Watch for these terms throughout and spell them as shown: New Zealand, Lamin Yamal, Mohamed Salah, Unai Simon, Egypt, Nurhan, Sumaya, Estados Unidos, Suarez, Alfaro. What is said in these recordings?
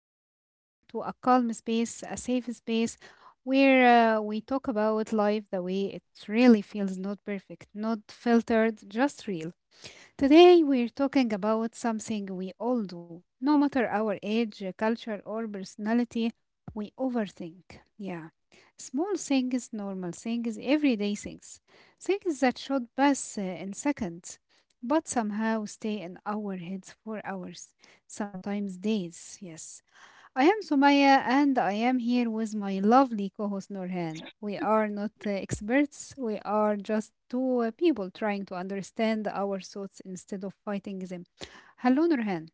You are listening to a calm space, a safe space where we talk about life the way it really feels, not perfect, not filtered, just real. Today, we're talking about something we all do. No matter our age, culture, or personality, we overthink. Yeah. Small things, normal things, everyday things. Things that should pass in seconds, but somehow stay in our heads for hours, sometimes days. Yes. I am Sumaya and I am here with my lovely co host Nurhan. We are not experts, we are just two people trying to understand our thoughts instead of fighting them. Hello, Nurhan.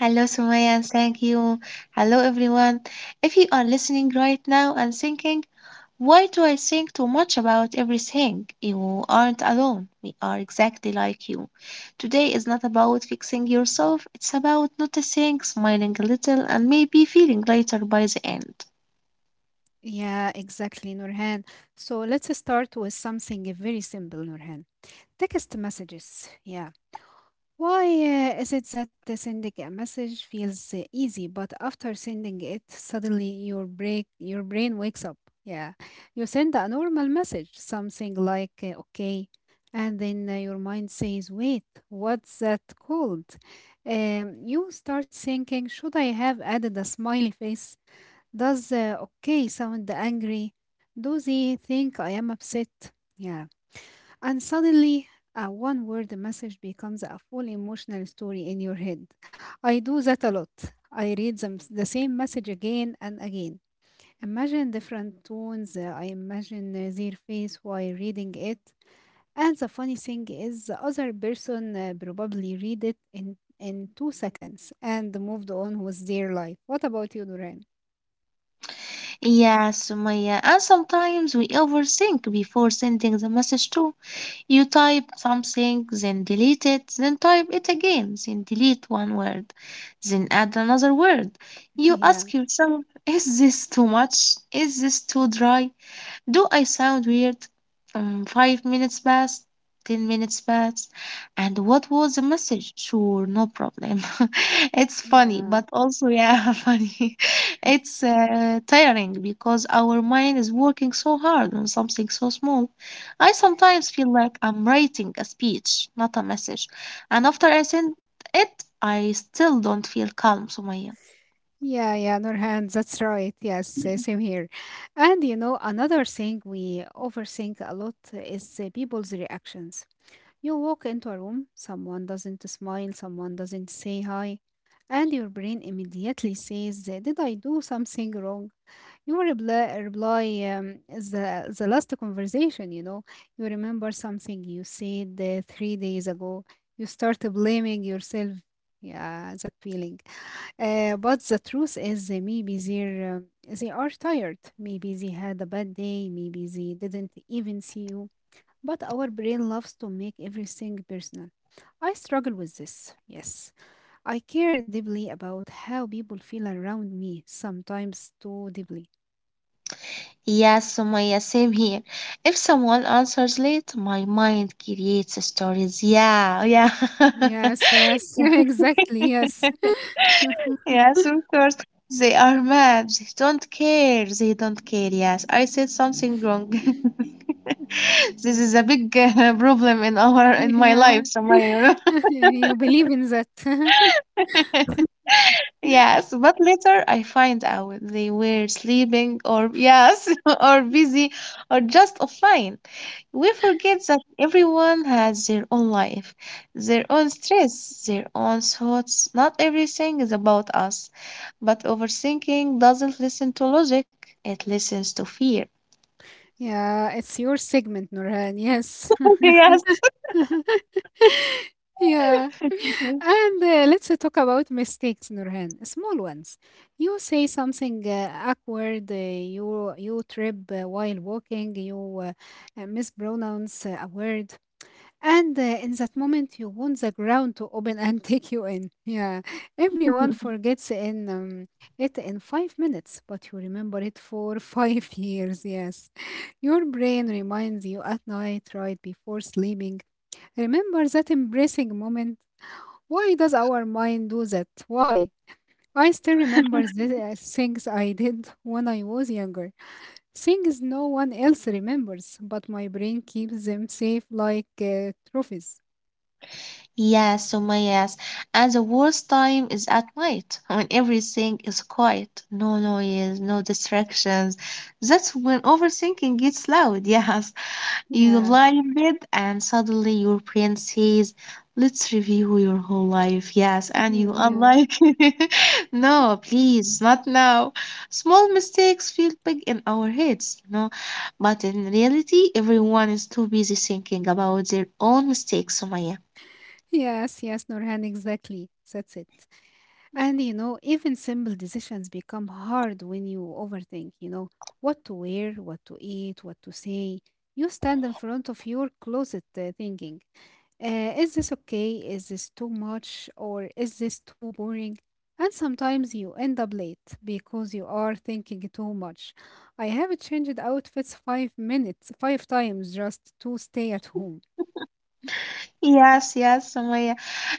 Hello, Sumaya. Thank you. Hello, everyone. If you are listening right now and thinking, why do I think too much about everything? You aren't alone. We are exactly like you. Today is not about fixing yourself, it's about noticing, smiling a little, and maybe feeling lighter by the end. Yeah, exactly, Nurhan. So let's start with something very simple, Nurhan. Text messages. Yeah, why is it that the sending a message feels easy, but after sending it, suddenly your break your brain wakes up? Yeah, you send a normal message, something like "okay," and then your mind says, "Wait, what's that called?" You start thinking, "Should I have added a smiley face? Does 'okay' sound angry? Does he think I am upset?" Yeah. And suddenly, a one word message becomes a full emotional story in your head. I do that a lot. I read them, the same message again and again. Imagine different tones. I imagine their face while reading it. And the funny thing is, the other person probably read it in 2 seconds and moved on with their life. What about you, Duran? Yes, Sumaya. And sometimes we overthink before sending the message too. You type something, then delete it, then type it again, then delete one word, then add another word. You Yeah, ask yourself, is this too much? Is this too dry? Do I sound weird? 5 minutes passed, 10 minutes passed, and what was the message? Sure, no problem. It's funny, yeah, but also, yeah, funny. It's tiring because our mind is working so hard on something so small. I sometimes feel like I'm writing a speech, not a message. And after I send it, I still don't feel calm, Sumaya. yeah, Nurhan, that's right. Yes, same here. And you know, another thing we overthink a lot is people's reactions. You walk into a room, someone doesn't smile, someone doesn't say hi, and your brain immediately says, did I do something wrong? You reply, reply the last conversation, you know. You remember something you said 3 days ago. You start blaming yourself. Yeah, that feeling. But the truth is, uh, maybe they are tired. Maybe they had a bad day. Maybe they didn't even see you. But our brain loves to make everything personal. I struggle with this, yes. I care deeply about how people feel around me, sometimes too deeply. Yes, Sumaya, same here. If someone answers late, my mind creates stories. Yeah, yeah. Yes, yes, Yeah. exactly, yes. Yes, of course. They are mad. They don't care. They don't care. Yes, I said something wrong. This is a big problem in our in my life, Yeah. Sumaya. Yeah, you believe in that. Yes, but later I find out they were sleeping or yes, or busy or just offline. We forget that everyone has their own life, their own stress, their own thoughts. Not everything is about us, but overthinking doesn't listen to logic, it listens to fear. Yeah, it's your segment, Nurhan, yes. Yes. Yeah. And let's talk about mistakes, Nurhan. Small ones. You say something awkward. You trip while walking. You mispronounce a word, and in that moment, you want the ground to open and take you in. Yeah, everyone forgets in it in 5 minutes, but you remember it for 5 years. Yes, your brain reminds you at night, right before sleeping. Remember that embracing moment. Why does our mind do that? Why? I still remember the things I did when I was younger, things no one else remembers, but my brain keeps them safe like trophies. Yes, Summa, yes. And the worst time is at night when everything is quiet, no noise, no distractions. That's when overthinking gets loud. Yes, you Yeah, lie in bed and suddenly your brain says, let's review your whole life. Yes, and you are yeah, like, no, please, not now. Small mistakes feel big in our heads, you know. But in reality, everyone is too busy thinking about their own mistakes, Sumaya. yes, yes, Norhan, exactly. That's it. And you know, even simple decisions become hard when you overthink, you know, what to wear, what to eat, what to say. You stand in front of your closet thinking. Is this okay? Is this too much? Or is this too boring? And sometimes you end up late because you are thinking too much. I have changed outfits five times just to stay at home. Yes, yes, Sumaya.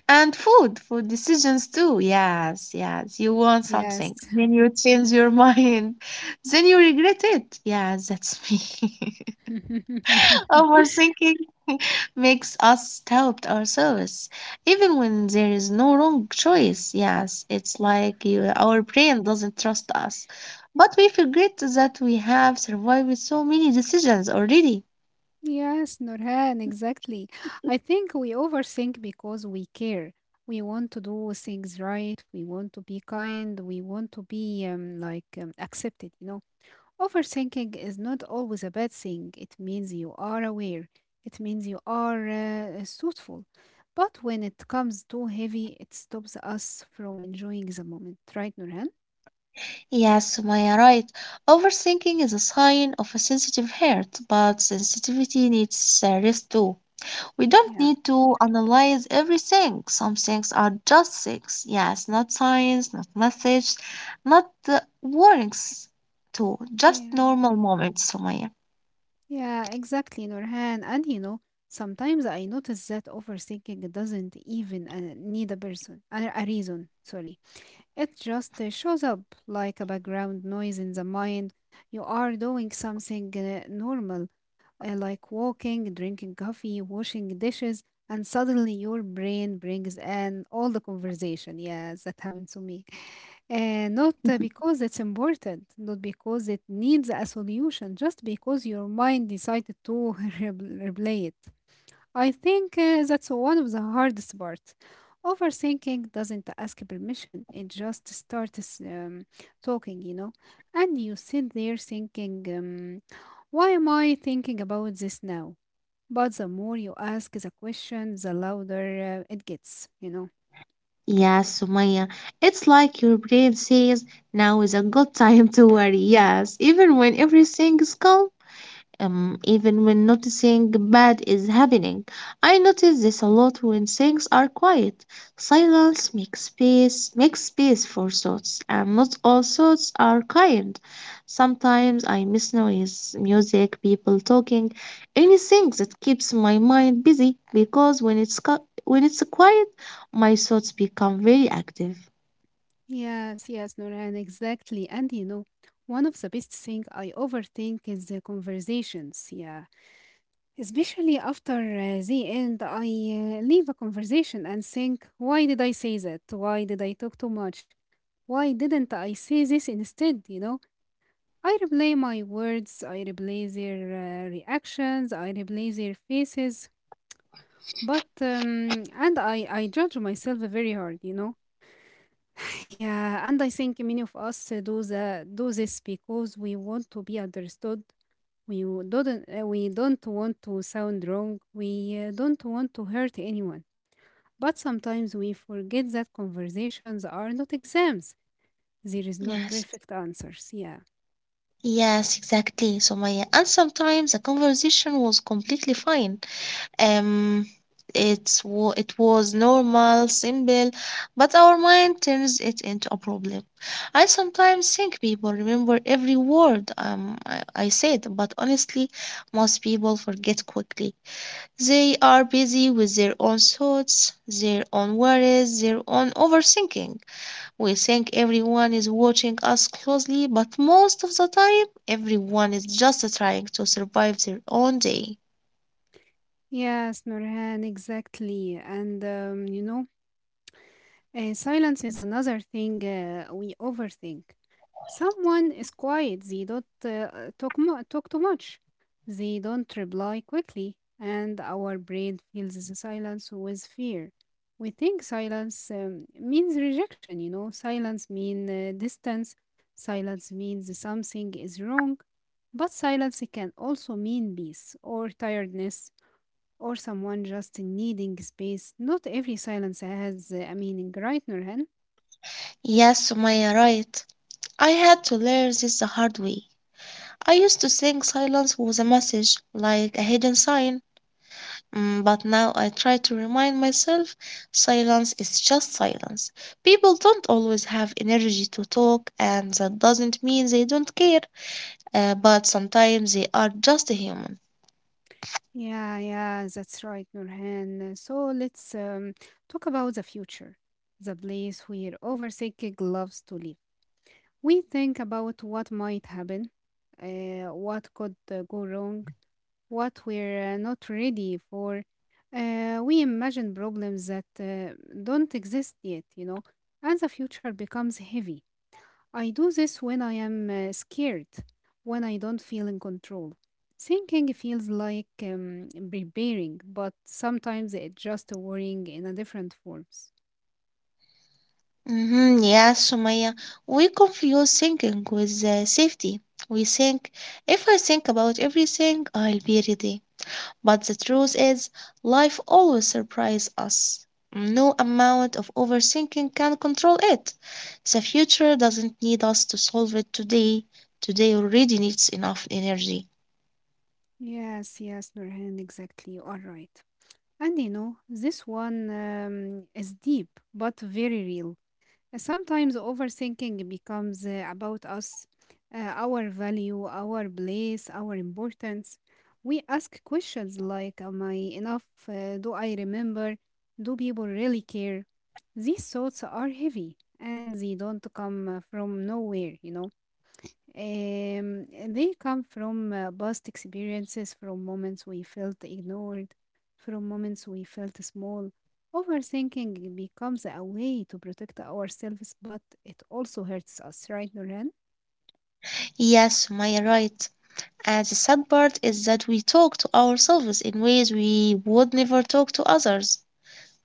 And food, food decisions too. Yes, yes. You want Yes. something, then you change your mind, then you regret it. Yes, that's me. Overthinking makes us doubt ourselves, even when there is no wrong choice. Yes, it's like you, our brain doesn't trust us, but we forget that we have survived so many decisions already. Yes, Nurhan, exactly. I think we overthink because we care. We want to do things right. We want to be kind. We want to be accepted, you know. Overthinking is not always a bad thing. It means you are aware. It means you are thoughtful. But when it comes too heavy, it stops us from enjoying the moment, right, Nurhan? Yes, Maya, right. Overthinking is a sign of a sensitive heart, but sensitivity needs rest too. We don't Yeah, need to analyze everything. Some things are just things. Yes, not signs, not messages, not warnings too. Just yeah, normal moments, Sumaya. yeah, exactly, Nurhan. And you know, sometimes I notice that overthinking doesn't even need a reason, sorry. It just shows up like a background noise in the mind. You are doing something normal like walking, drinking coffee, washing dishes, and suddenly your brain brings in all the conversation. Yes, that happened to me. And not because it's important, not because it needs a solution, just because your mind decided to re- replay it. I think that's one of the hardest parts. Overthinking doesn't ask permission, it just starts talking, you know. And you sit there thinking, why am I thinking about this now? But the more you ask the question, the louder it gets, you know. Yes, Sumaya, it's like your brain says now is a good time to worry. Yes, even when everything is calm. Even when noticing bad is happening. I notice this a lot when things are quiet. Silence makes space for thoughts, and not all thoughts are kind. Sometimes I miss noise, music, people talking, anything that keeps my mind busy because when it's quiet, my thoughts become very active. Yes, yes, Noran, exactly. And you know, one of the best thing I overthink is the conversations. Yeah. Especially after the end, I leave a conversation and think, why did I say that? Why did I talk too much? Why didn't I say this instead? You know, I replay my words, I replay their reactions, I replay their faces, and I judge myself very hard, you know. Yeah, and I think many of us do, do this because we want to be understood. We w- didn't, uh, we don't want to sound wrong. We don't want to hurt anyone. But sometimes we forget that conversations are not exams. There is not Yes. perfect answers. Yeah. Yes, exactly, Somaya. And sometimes the conversation was completely fine. Um, it was normal, simple, but our mind turns it into a problem. I sometimes think people remember every word I said, but honestly, most people forget quickly. They are busy with their own thoughts, their own worries, their own overthinking. We think everyone is watching us closely, but most of the time, everyone is just trying to survive their own day. Yes, Nurhan, exactly. And silence is another thing we overthink. Someone is quiet, they don't talk too much, they don't reply quickly, and our brain fills the silence with fear. We think silence means rejection, you know, silence means distance, silence means something is wrong, but silence can also mean peace or tiredness or someone just needing space. Not every silence has a meaning, right, Nurhan? Yes, Sumaya, right. I had to learn this the hard way. I used to think silence was a message, like a hidden sign. Mm, but now I try to remind myself silence is just silence. People don't always have energy to talk, and that doesn't mean they don't care, but sometimes they are just human. Yeah, that's right, Nurhan. So let's talk about the future, the place where overthinking loves to live. We think about what might happen, what could go wrong, what we're not ready for. We imagine problems that don't exist yet, you know, and the future becomes heavy. I do this when I am scared, when I don't feel in control. Thinking feels like preparing, but sometimes it's just worrying in a different forms. Mm-hmm, yes, Sumaya, we confuse thinking with safety. We think, if I think about everything, I'll be ready. But the truth is, life always surprises us. No amount of overthinking can control it. The future doesn't need us to solve it today. Today already needs enough energy. Yes, yes, Nurhan, exactly. You are right. And you know, this one is deep, but very real. Sometimes overthinking becomes about us, our value, our place, our importance. We ask questions like, am I enough? Do I remember? Do people really care? These thoughts are heavy and they don't come from nowhere, you know. Um, they come from past experiences, from moments we felt ignored, from moments we felt small. Overthinking becomes a way to protect ourselves, but it also hurts us, right, Noran? Yes, Maya, right. And the sad part is that we talk to ourselves in ways we would never talk to others.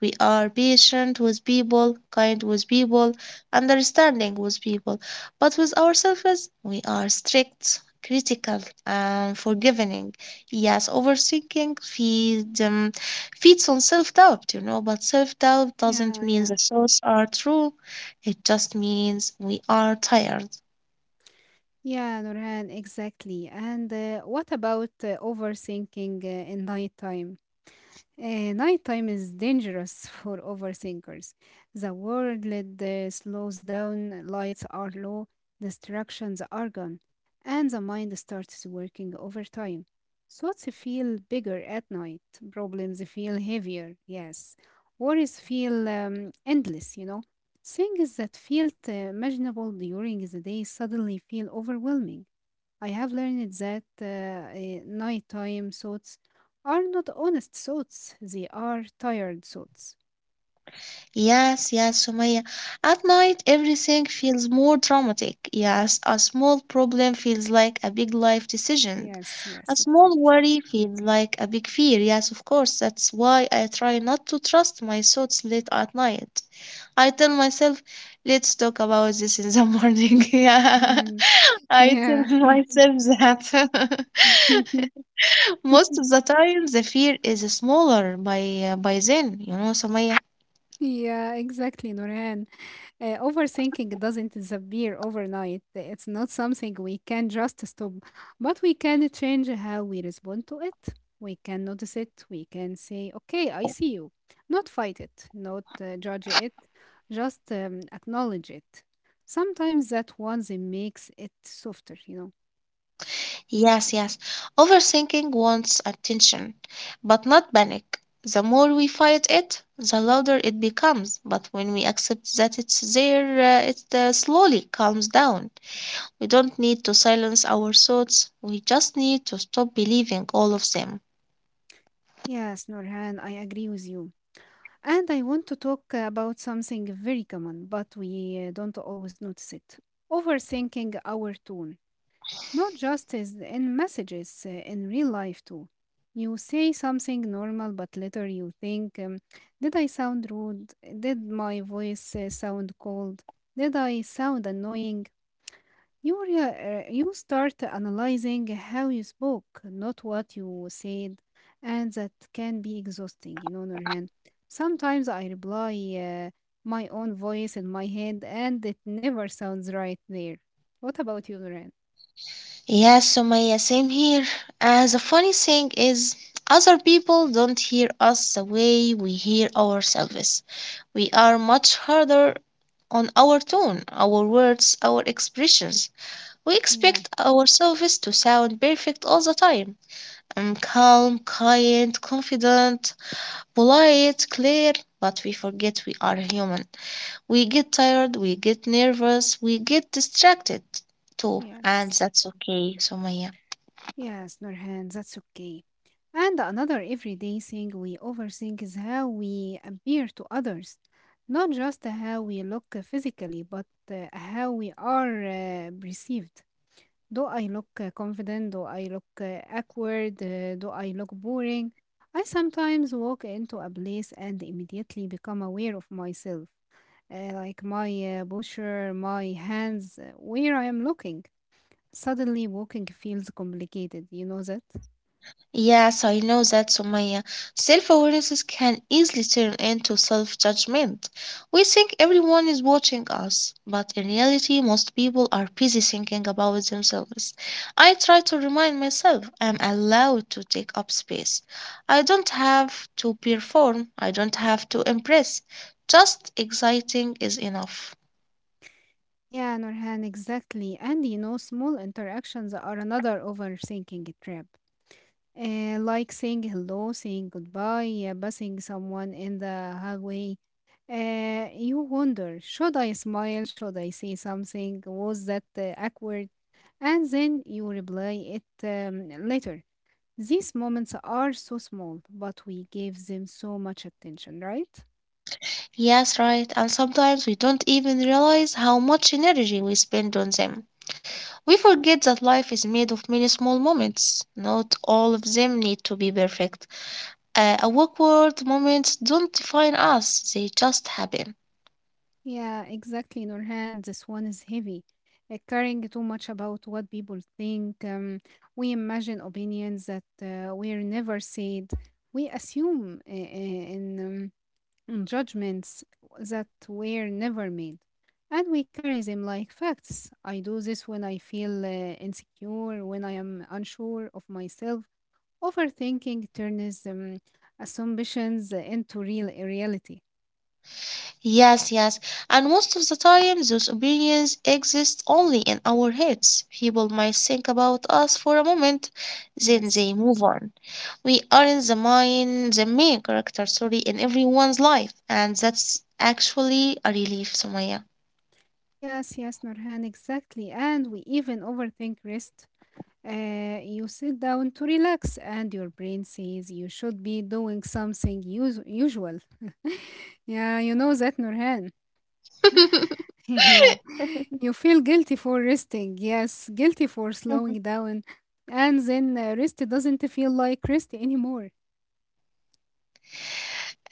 We are patient with people, kind with people, understanding with people. But with ourselves, we are strict, critical, and forgiving. Yes, overthinking feeds, feeds on self doubt, but self doubt doesn't Yeah, mean yeah. the thoughts are true. It just means we are tired. Yeah, Nurhan, exactly. And what about overthinking in nighttime? Nighttime is dangerous for overthinkers. The world slows down, lights are low, distractions are gone, and the mind starts working overtime. Thoughts feel bigger at night, problems feel heavier, yes. Worries feel endless, you know. Things that felt imaginable during the day suddenly feel overwhelming. I have learned that nighttime thoughts are not honest thoughts, they are tired thoughts. Yes, yes, Sumaya. At night, everything feels more dramatic. Yes, a small problem feels like a big life decision. Yes, A yes, small exactly. worry feels like a big fear. Yes, of course. That's why I try not to trust my thoughts late at night. I tell myself, let's talk about this in the morning. Yeah. Mhm. I Yeah. tell myself that. Most of the time, the fear is smaller by then, Samaya. Yeah, exactly, Noreen. Overthinking doesn't disappear overnight. It's not something we can just stop, but we can change how we respond to it. We can notice it. We can say, okay, I see you. Not fight it, not judge it, just acknowledge it. Sometimes that once makes it softer, you know. Yes, yes. Overthinking wants attention, but not panic. The more we fight it, the louder it becomes. But when we accept that it's there, it slowly calms down. We don't need to silence our thoughts, we just need to stop believing all of them. Yes, Norhan, I agree with you. And I want to talk about something very common, but we don't always notice it. Overthinking our tone. Not just as in messages, in real life too. You say something normal, but later you think, did I sound rude? Did my voice sound cold? Did I sound annoying? You start analyzing how you spoke, not what you said, and that can be exhausting, you know, Nurhan. Sometimes I reply uh, my own voice in my head, and it never sounds right there. What about you, Nurhan? Yeah, Sumaya, same here. The funny thing is, other people don't hear us the way we hear ourselves. We are much harder on our tone, our words, our expressions. We expect ourselves to sound perfect all the time. I'm calm, kind, confident, polite, clear, but we forget we are human. We get tired, we get nervous, we get distracted too, and Yes, that's okay, Sumaya. yes, Nurhan, that's okay. And another everyday thing we overthink is how we appear to others, not just how we look physically, but how we are perceived. Do I look confident? Do I look awkward? Do I look boring? I sometimes walk into a place and immediately become aware of myself, like my posture, my hands, where I am looking. Suddenly, walking feels complicated, you know that? Yes, I know that, Sumaya. Self-awareness can easily turn into self-judgment. We think everyone is watching us, but in reality, most people are busy thinking about themselves. I try to remind myself I'm allowed to take up space. I don't have to perform. I don't have to impress. Just exciting is enough. Yeah, Norhan, exactly. And you know, small interactions are another overthinking trap. Like saying hello, saying goodbye, passing someone in the hallway. You wonder, should I smile? Should I say something? Was that awkward? And then you reply it later. These moments are so small, but we give them so much attention, right? Yes, right. And sometimes we don't even realize how much energy we spend on them. We forget that life is made of many small moments. Not all of them need to be perfect. Awkward moments don't define us, they just happen. Yeah, exactly, Nurhan. This one is heavy. Caring too much about what people think. We imagine opinions that were never said. We assume in judgments that were never made. And we carry them like facts. I do this when I feel insecure, when I am unsure of myself. Overthinking turns assumptions into real reality. Yes, yes, and most of the time, those opinions exist only in our heads. People might think about us for a moment, then Yes. they move on. We aren't the main character, sorry, in everyone's life, and that's actually a relief, Sumaya. Yes, yes, Nurhan, exactly. And we even overthink rest. You sit down to relax, and your brain says you should be doing something usual. Yeah, you know that, Nurhan. Yeah, you feel guilty for resting. Yes, guilty for uh, slowing down, and then rest doesn't feel like rest anymore.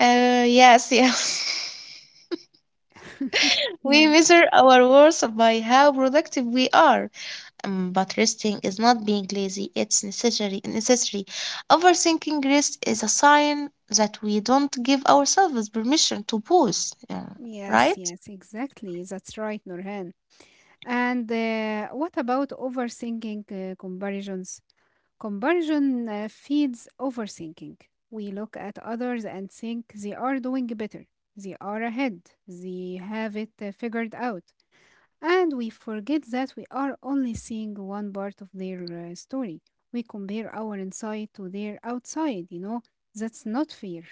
yes, yes. We Yeah. measure our worth by how productive we are. But resting is not being lazy, it's necessary. Necessary. Overthinking rest is a sign that we don't give ourselves permission to pause. Yeah, Yes, right? yes, exactly. That's right, Nurhan. And what about overthinking comparisons? Comparison feeds overthinking. We look at others and think they are doing better, they are ahead, they have it figured out. And we forget that we are only seeing one part of their story. We compare our inside to their outside, you know, that's not fair.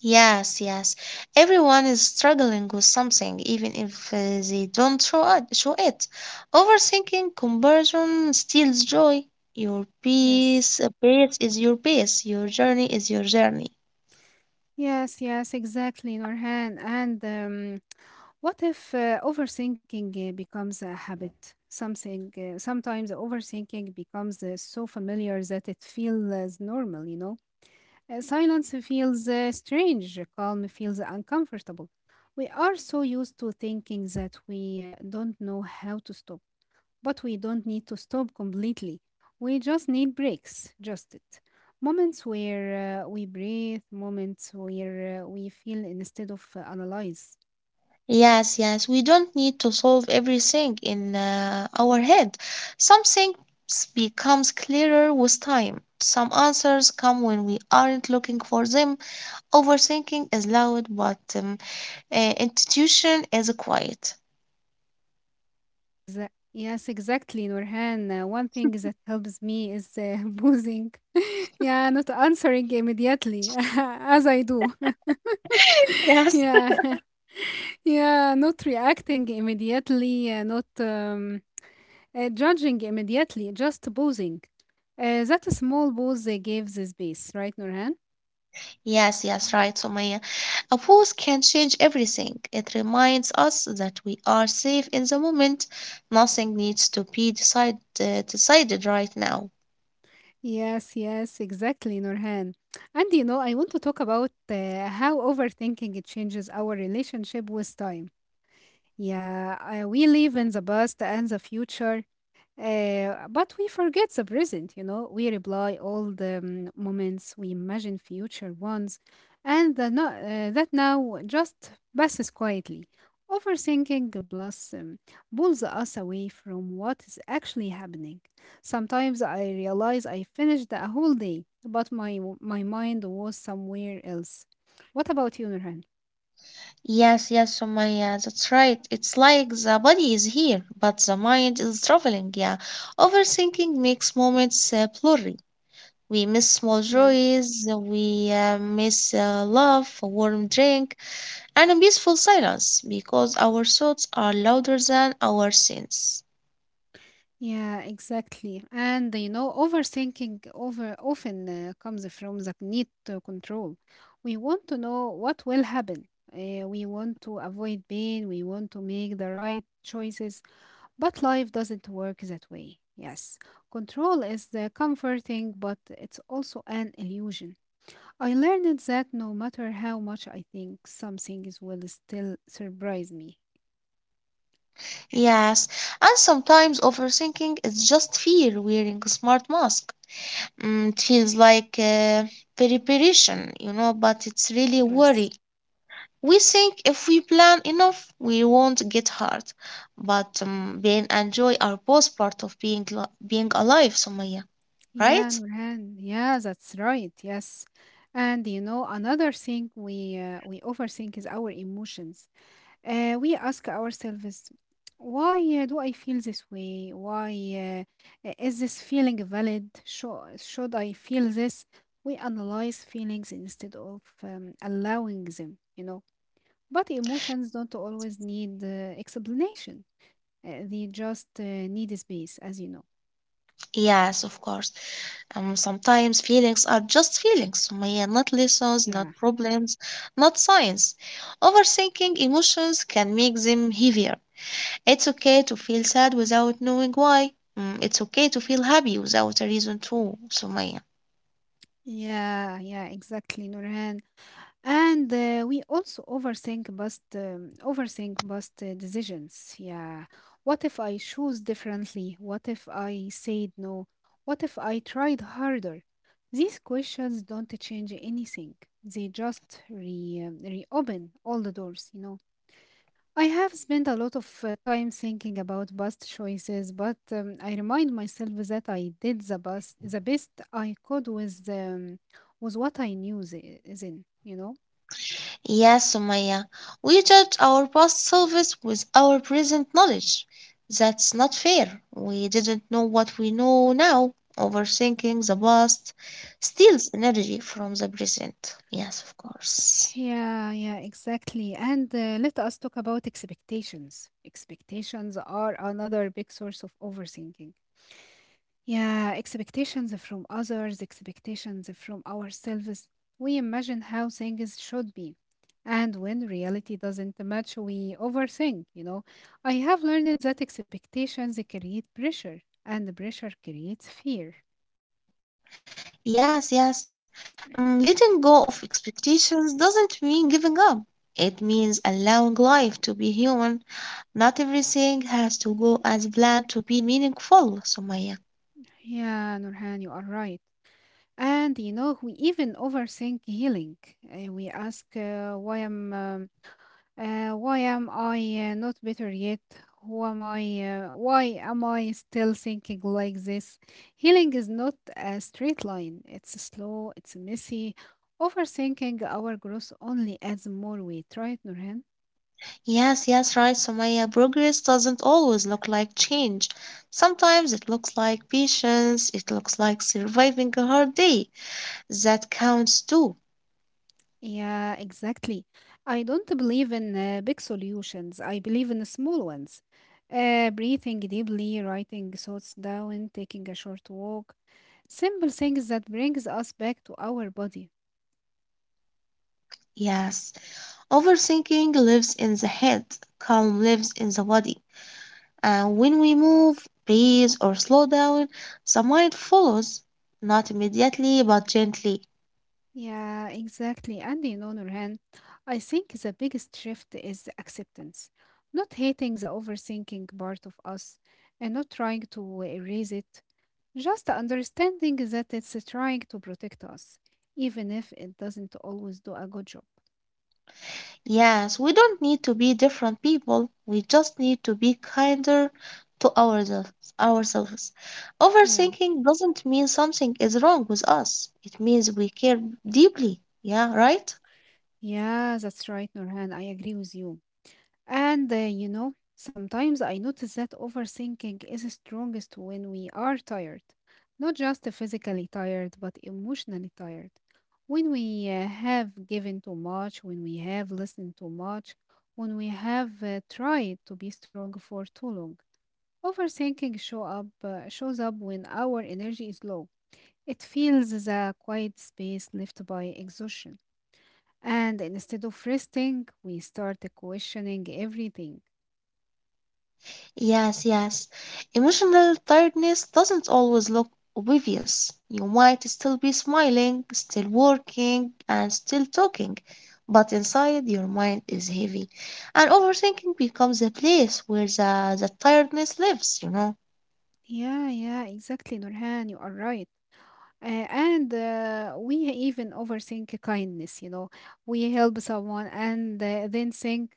Yes, yes. Everyone is struggling with something, even if they don't show it. Overthinking conversion steals joy. Your Yes. peace, peace is your pace. Your journey is your journey. Yes, yes, exactly, Norhan. And What if overthinking becomes a habit? Something sometimes overthinking becomes so familiar that it feels normal. You know, silence feels strange. Calm feels uncomfortable. We are so used to thinking that we don't know how to stop, but we don't need to stop completely. We just need breaks. Just it. Moments where we breathe, moments where we feel instead of analyze. Yes, yes, we don't need to solve everything in our head. Some things becomes clearer with time. Some answers come when we aren't looking for them. Overthinking is loud, but intuition is quiet. Exa Yes, exactly, Nurhan. One thing that helps me is boozing. Yeah, not answering immediately, as I do. Yes. Yeah, yeah, not reacting immediately, not judging immediately, just boozing. That small pause gives the space, right, Nurhan? Yes, yes, right, Sumaya. A pause can change everything. It reminds us that we are safe in the moment. Nothing needs to be decided right now. Yes, yes, exactly, Nurhan. And you know, I want to talk about how overthinking it changes our relationship with time. Yeah, we live in the past and the future, but we forget the present, you know. We reply all the moments, we imagine future ones, and the no- that now just passes quietly. Overthinking plus pulls us away from what is actually happening. Sometimes I realize I finished a whole day, but my mind was somewhere else. What about you, Nurhan? Yes, yes, Sumaya, that's right. It's like the body is here, but the mind is traveling. Yeah, overthinking makes moments blurry. We miss small joys, we miss love, a warm drink, and a peaceful silence because our thoughts are louder than our sins. Yeah, exactly. And you know, overthinking over often comes from the need to control. We want to know what will happen. We want to avoid pain. We want to make the right choices. But life doesn't work that way. Yes, control is the comforting, but it's also an illusion. I learned that no matter how much I think, some things will still surprise me. Yes, and sometimes overthinking is just fear wearing a smart mask. Mm, it feels like preparation, but it's really Yes. worry. We think if we plan enough, we won't get hurt. But pain and joy are both part of being alive, Sumaya, Yeah, right? Nurhan. Yeah, that's right. Yes. And you know, another thing we overthink is our emotions. We ask ourselves, why do I feel this way? Why is this feeling valid? Should I feel this? We analyze feelings instead of allowing them, you know. But emotions don't always need explanation. They just need space, as you know. Yes, of course. Sometimes feelings are just feelings, Sumaya, not lessons, Yeah. not problems, not science. Overthinking emotions can make them heavier. It's okay to feel sad without knowing why. Mm, it's okay to feel happy without a reason too, Sumaya. Yeah, yeah, exactly, Nurhan. And we also overthink past decisions. Yeah, what if I choose differently? What if I said no? What if I tried harder? These questions don't change anything. They just reopen all the doors, you know. I have spent a lot of time thinking about past choices, but I remind myself that I did the best I could with what I knew then, you know. Yes, Sumaya, we judge our past selves with our present knowledge. That's not fair. We didn't know what we know now. Overthinking the past steals energy from the present. Yes, of course. Yeah, yeah, exactly. And let us talk about expectations. Expectations are another big source of overthinking. Yeah, expectations from others, expectations from ourselves. We imagine how things should be. And when reality doesn't match, we overthink, you know. I have learned that expectations create pressure, and the pressure creates fear. Yes, yes. Mm, letting go of expectations doesn't mean giving up. It means allowing life to be human. Not everything has to go as planned to be meaningful, Sumaya. Yeah, Nurhan, you are right. And you know, we even overthink healing. We ask, " Why am I not better yet? Who am I? Why am I still thinking like this?" Healing is not a straight line. It's slow. It's messy. Overthinking our growth only adds more weight, right, Nurhan? Yes, yes, right, Sumaya. Progress doesn't always look like change. Sometimes it looks like patience, it looks like surviving a hard day. That counts too. Yeah, exactly. I don't believe in big solutions. I believe in small ones. Breathing deeply, writing thoughts down, taking a short walk. Simple things that brings us back to our body. Yes. Overthinking lives in the head, calm lives in the body. And when we move, breathe, or slow down, the mind follows, not immediately but gently. Yeah, exactly. And you know, Nurhan, I think the biggest shift is the acceptance. Not hating the overthinking part of us, and not trying to erase it. Just understanding that it's trying to protect us, even if it doesn't always do a good job. Yes, we don't need to be different people. We just need to be kinder to ourselves. Yeah. Overthinking doesn't mean something is wrong with us. It means we care deeply. Yeah, right? Yeah, that's right, Nurhan. I agree with you. And you know, sometimes I notice that overthinking is strongest when we are tired, not just physically tired, but emotionally tired. When we have given too much, when we have listened too much, when we have tried to be strong for too long. Overthinking shows up when our energy is low. It fills the quiet space left by exhaustion. And instead of resting, we start questioning everything. Yes, yes. Emotional tiredness doesn't always look obvious. You might still be smiling, still working, and still talking, but inside your mind is heavy. And overthinking becomes a place where the tiredness lives, you know. Yeah, yeah, exactly, Nurhan, you are right. And We even overthink kindness, you know. We help someone and then think,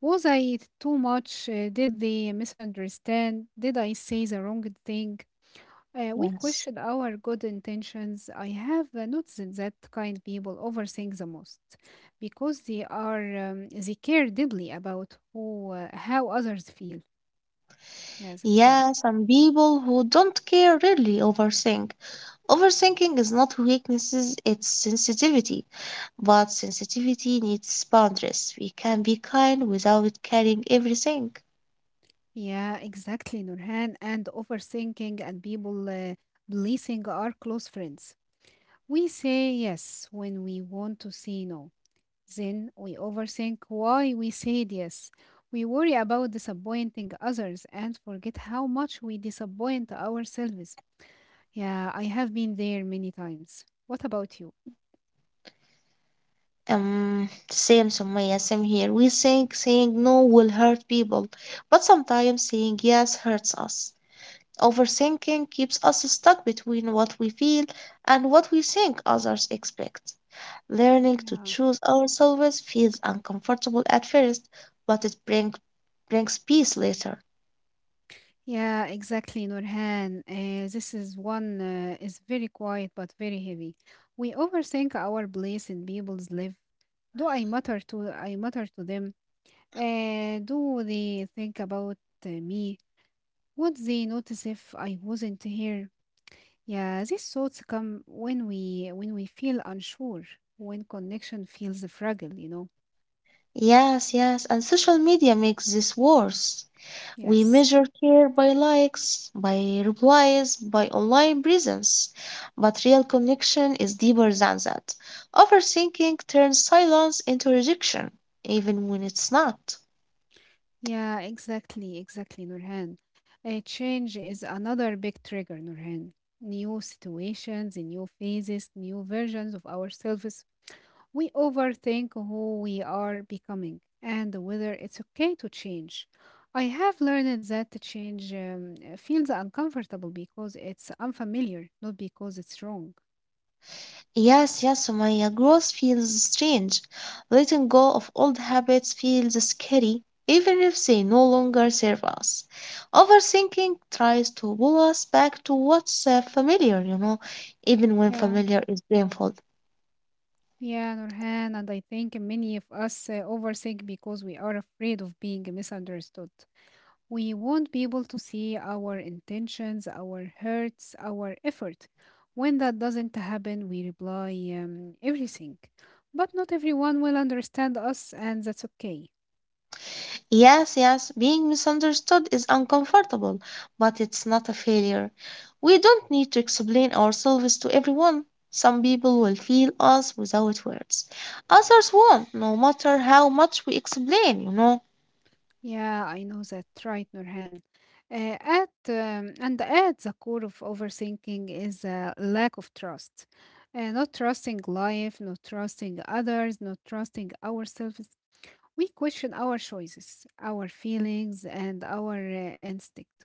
was I too much? Did they misunderstand? Did I say the wrong thing? We Yes. question our good intentions. I have noticed that kind people overthink the most because they care deeply about who how others feel. Yeah, that's right. Yeah, some people who don't care really overthink. Overthinking is not weaknesses, it's sensitivity. But sensitivity needs boundaries. We can be kind without carrying everything. Yeah, exactly, Nurhan. And overthinking and people blessing are close friends. We say yes when we want to say no. Then we overthink why we said yes. We worry about disappointing others and forget how much we disappoint ourselves. Yeah, I have been there many times. What about you? Same, Sumaya, same here. We think saying no will hurt people, but sometimes saying yes hurts us. Overthinking keeps us stuck between what we feel and what we think others expect. Learning to Yeah. choose ourselves feels uncomfortable at first, but brings peace later. Yeah, exactly, Nurhan. This is one is very quiet but very heavy. We overthink our place in people's life. Do I matter to them? Do they think about me? Would they notice if I wasn't here? Yeah, these thoughts come when we feel unsure, when connection feels fragile, you know. Yes, yes, and social media makes this worse. We Yes. measure care by likes, by replies, by online presence, but real connection is deeper than that. Overthinking turns silence into rejection, even when it's not. Yeah, exactly, exactly, Nurhan. A change is another big trigger, Nurhan. New situations, new phases, new versions of ourselves. We overthink who we are becoming and whether it's okay to change. I have learned that the change feels uncomfortable because it's unfamiliar, not because it's wrong. Yes, yes, my growth feels strange. Letting go of old habits feels scary, even if they no longer serve us. Overthinking tries to pull us back to what's familiar, you know, even when familiar is painful. Yeah, Nurhan, and I think many of us overthink because we are afraid of being misunderstood. We want people to see our intentions, our hurts, our effort. When that doesn't happen, we reply everything. But not everyone will understand us, and that's okay. Yes, yes, being misunderstood is uncomfortable, but it's not a failure. We don't need to explain ourselves to everyone. Some people will feel us without words. Others won't, no matter how much we explain, you know. Yeah, I know that, right, Nurhan. At and at the core of overthinking is a lack of trust. Not trusting life, not trusting others, not trusting ourselves. We question our choices, our feelings, and our instinct.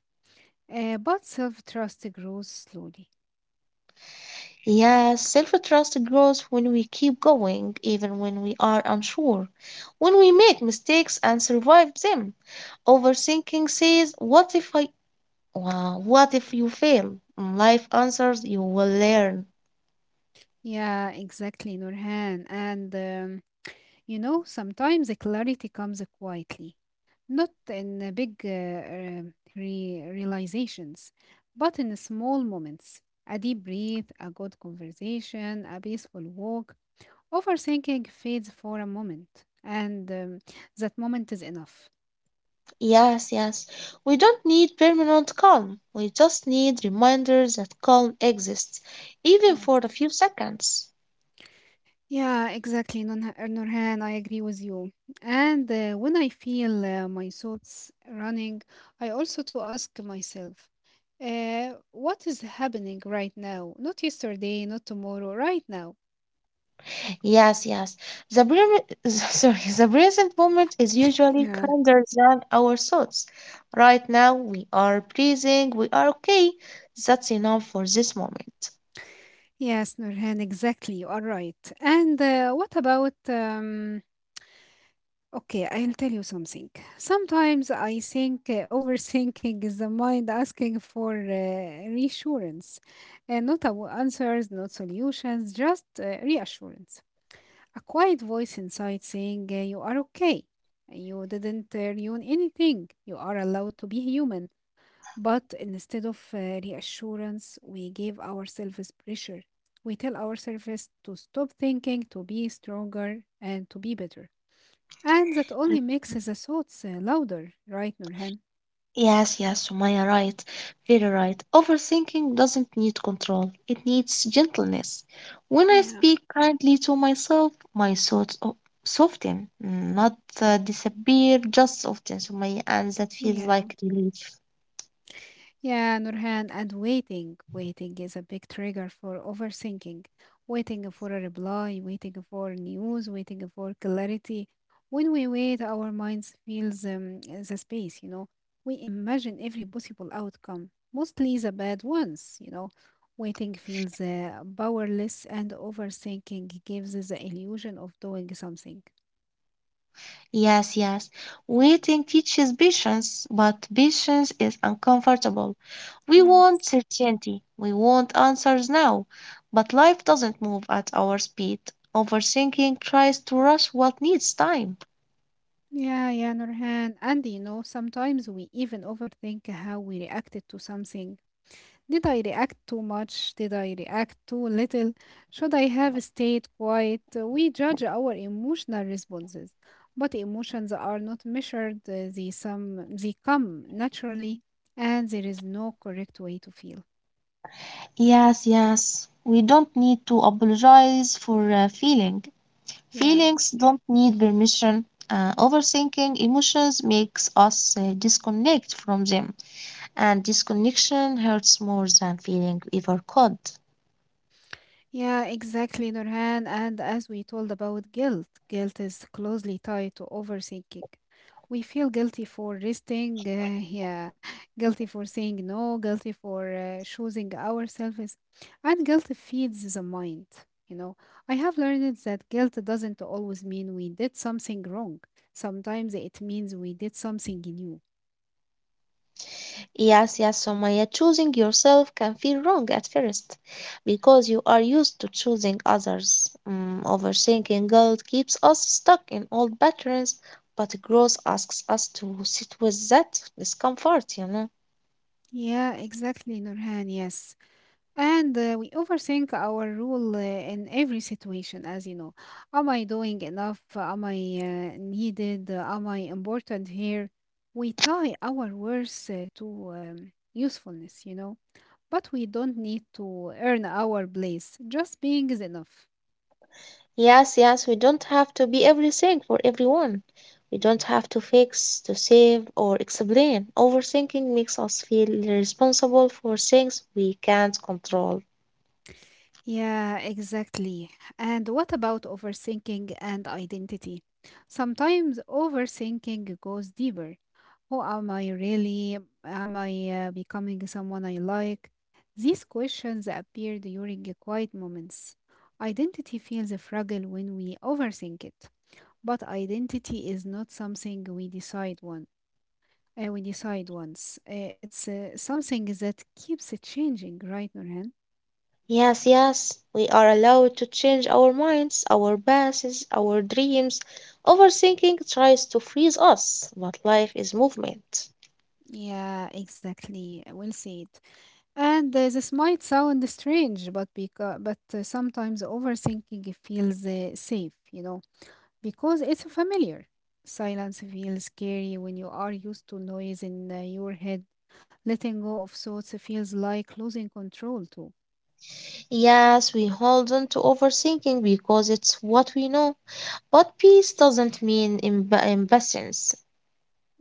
But self-trust grows slowly. Yes, self trust grows when we keep going, even when we are unsure, when we make mistakes and survive them. Overthinking says, "What if I." Wow, what if you fail? Life answers, "You will learn." Yeah, exactly, Nurhan. And You know, sometimes the clarity comes quietly, not in the big realizations, but in small moments. A deep breath, a good conversation, a peaceful walk. Overthinking fades for a moment, and that moment is enough. Yes, yes. We don't need permanent calm. We just need reminders that calm exists, even for a Yes. few seconds. Yeah, exactly, Nurhan. I agree with you. And when I feel my thoughts running, I also to ask myself, what is happening right now? Not yesterday, not tomorrow, right now. Yes, yes. Sorry, the present moment is usually Yeah. kinder than our thoughts. Right now, we are breathing. We are okay. That's enough for this moment. Yes, Nurhan, exactly. You are right. And what about okay, I'll tell you something. Sometimes I think overthinking is the mind asking for reassurance, not answers, not solutions, just reassurance. A quiet voice inside saying, you are okay. You didn't ruin anything. You are allowed to be human. But instead of reassurance, we give ourselves pressure. We tell ourselves to stop thinking, to be stronger, and to be better. And that only makes the thoughts louder, right, Nurhan? Yes, yes, Sumaya, right. Very right. Overthinking doesn't need control, it needs gentleness. When I Yeah, speak kindly to myself, soften, not disappear, just soften, Sumaya, and that feels yeah, like relief. yeah, Nurhan. And waiting is a big trigger for overthinking. Waiting for a reply, waiting for news, waiting for clarity. When we wait, our minds feels the space. You know, we imagine every possible outcome, mostly the bad ones. You know, waiting feels powerless, and overthinking gives the illusion of doing something. Yes, yes. Waiting teaches patience, but patience is uncomfortable. We want Yes. certainty. We want answers now. But life doesn't move at our speed. Overthinking tries to rush what needs time. Yeah, yeah, Nurhan. And you know, sometimes we even overthink how we reacted to something. Did I react too much? Did I react too little? Should I have stayed quiet? We judge our emotional responses, but emotions are not measured. They come naturally, and there is no correct way to feel. Yes, yes. We don't need to apologize for feeling. Yeah. Feelings don't need permission. Overthinking emotions makes us disconnect from them, and disconnection hurts more than feeling ever could. Yeah, exactly, Nurhan. And as we told about guilt, guilt is closely tied to overthinking. We feel guilty for resting, yeah, guilty for saying no, guilty for choosing ourselves, and guilt feeds the mind. You know, I have learned that guilt doesn't always mean we did something wrong. Sometimes it means we did something new. Yes, yes, Sumaya, choosing yourself can feel wrong at first because you are used to choosing others. Mm, overthinking guilt keeps us stuck in old patterns, but growth asks us to sit with that discomfort, you know. Yeah, exactly, Nurhan. Yes. And we overthink our role in every situation, as you know. Am I doing enough? Am I needed? Am I important here? We tie our worth to usefulness, you know. But we don't need to earn our place. Just being is enough. Yes, yes, we don't have to be everything for everyone. We don't have to fix, to save, or explain. Overthinking makes us feel responsible for things we can't control. Yeah, exactly. And what about overthinking and identity? Sometimes overthinking goes deeper. Who am I really? Am I becoming someone I like? These questions appear during the quiet moments. Identity feels fragile when we overthink it, but identity is not something we decide one. We decide once. It's something that keeps changing, right, Nurhan? Yes, yes, we are allowed to change our minds, our passes, our dreams. Overthinking tries to freeze us, but life is movement. Yeah, exactly. We'll see it. And this might sound strange, but sometimes overthinking feels safe, you know, because it's familiar. Silence feels scary when you are used to noise in your head. Letting go of thoughts feels like losing control too. Yes, we hold on to overthinking because it's what we know. But peace doesn't mean impatience.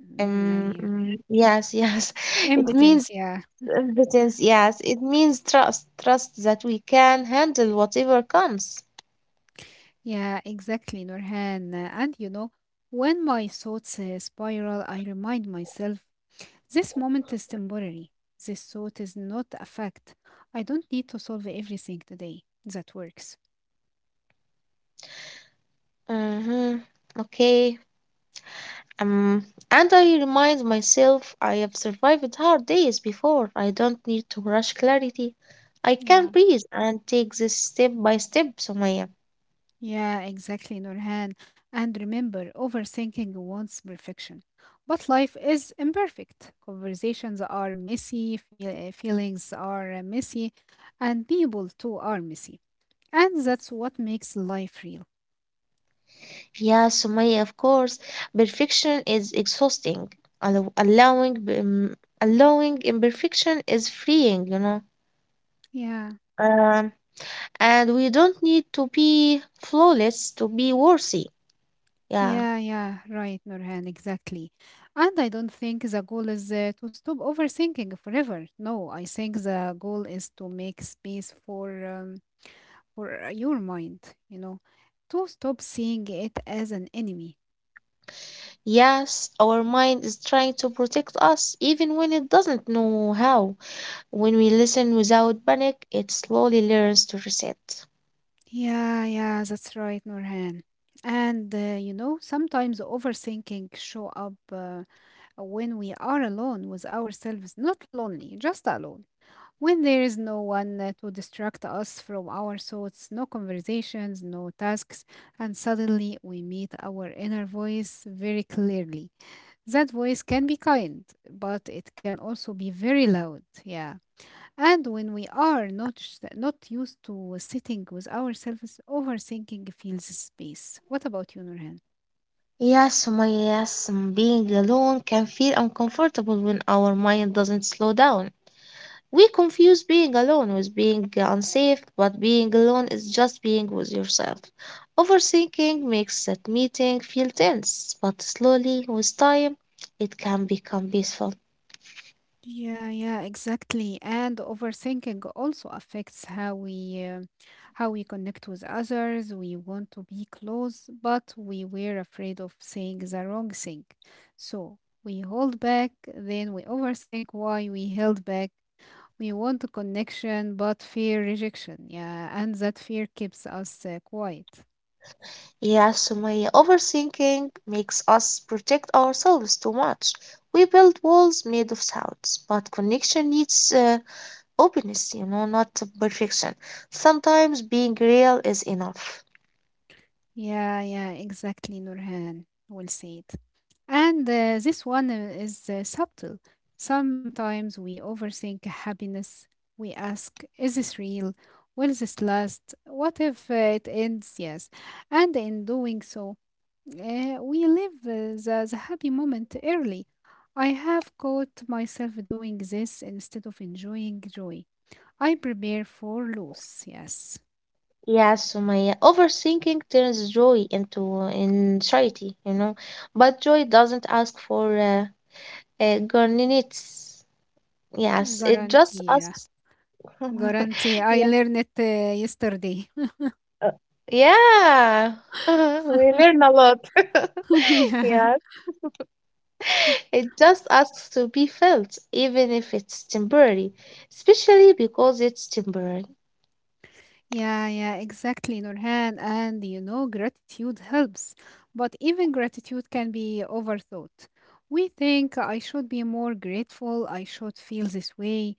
Mm, yeah, yeah. Yes, yes, it Impotence, means yeah. impatience. Yes, it means trust. Trust that we can handle whatever comes. Yeah, exactly, Nurhan. And you know, when my thoughts spiral, I remind myself this moment is temporary. This thought is not a fact. I don't need to solve everything today. That works. Mm-hmm. Okay. And I remind myself I have survived hard days before. I don't need to rush clarity. I Yeah. can breathe and take this step by step, Sumaya. Yeah, exactly, Nurhan. And remember, overthinking wants perfection. But life is imperfect. Conversations are messy, feelings are messy, and people too are messy. And that's what makes life real. Yeah, Sumaya, of course. Perfection is exhausting. Allow- Allowing, um, Allowing imperfection is freeing, you know. Yeah, Um, and we don't need to be flawless to be worthy. Yeah. yeah, yeah, right, Nurhan, exactly. And I don't think the goal is to stop overthinking forever. No, I think the goal is to make space for. For your mind, you know, to stop seeing it as an enemy. Yes, our mind is trying to protect us even when it doesn't know how. When we listen without panic, it slowly learns to reset. Yeah, yeah, that's right, Nurhan. And you know, sometimes overthinking show up when we are alone with ourselves, not lonely, just alone. When there is no one to distract us from our thoughts, no conversations, no tasks, and suddenly we meet our inner voice very clearly. That voice can be kind, but it can also be very loud. Yeah. And when we are not used to sitting with ourselves, overthinking feels space. What about you, Nurhan? Yes, Sumaya, yes, mm, being alone can feel uncomfortable when our mind doesn't slow down. We confuse being alone with being unsafe, but being alone is just being with yourself. Overthinking makes that meeting feel tense, but slowly, with time, it can become peaceful. Yeah, yeah, exactly. And overthinking also affects how we connect with others. We want to be close, but we were afraid of saying the wrong thing. So we hold back, then we overthink why we held back. We want a connection, but fear rejection. Yeah, and that fear keeps us quiet. Yeah, Sumaya, overthinking makes us protect ourselves too much. We build walls made of sounds, but connection needs openness, you know, not perfection. Sometimes being real is enough. Yeah, yeah, exactly, Nurhan. Well said. And this one is subtle. Sometimes we overthink happiness. We ask, is this real? Will this last? What if it ends? Yes. And in doing so, we live the happy moment early. I have caught myself doing this instead of enjoying joy. I prepare for loss. Yes. Yeah, Sumaya, overthinking turns joy into anxiety, you know, but joy doesn't ask for garnets. Yes, it just Guarantee. Yeah. asks. Guarantee. I Yeah, learned it yesterday. Uh, yeah. We learn a lot. Yeah. Yeah. It just asks to be felt, even if it's temporary, especially because it's temporary. Yeah, yeah, exactly, Nurhan. And you know, gratitude helps. But even gratitude can be overthought. We think I should be more grateful, I should feel this way.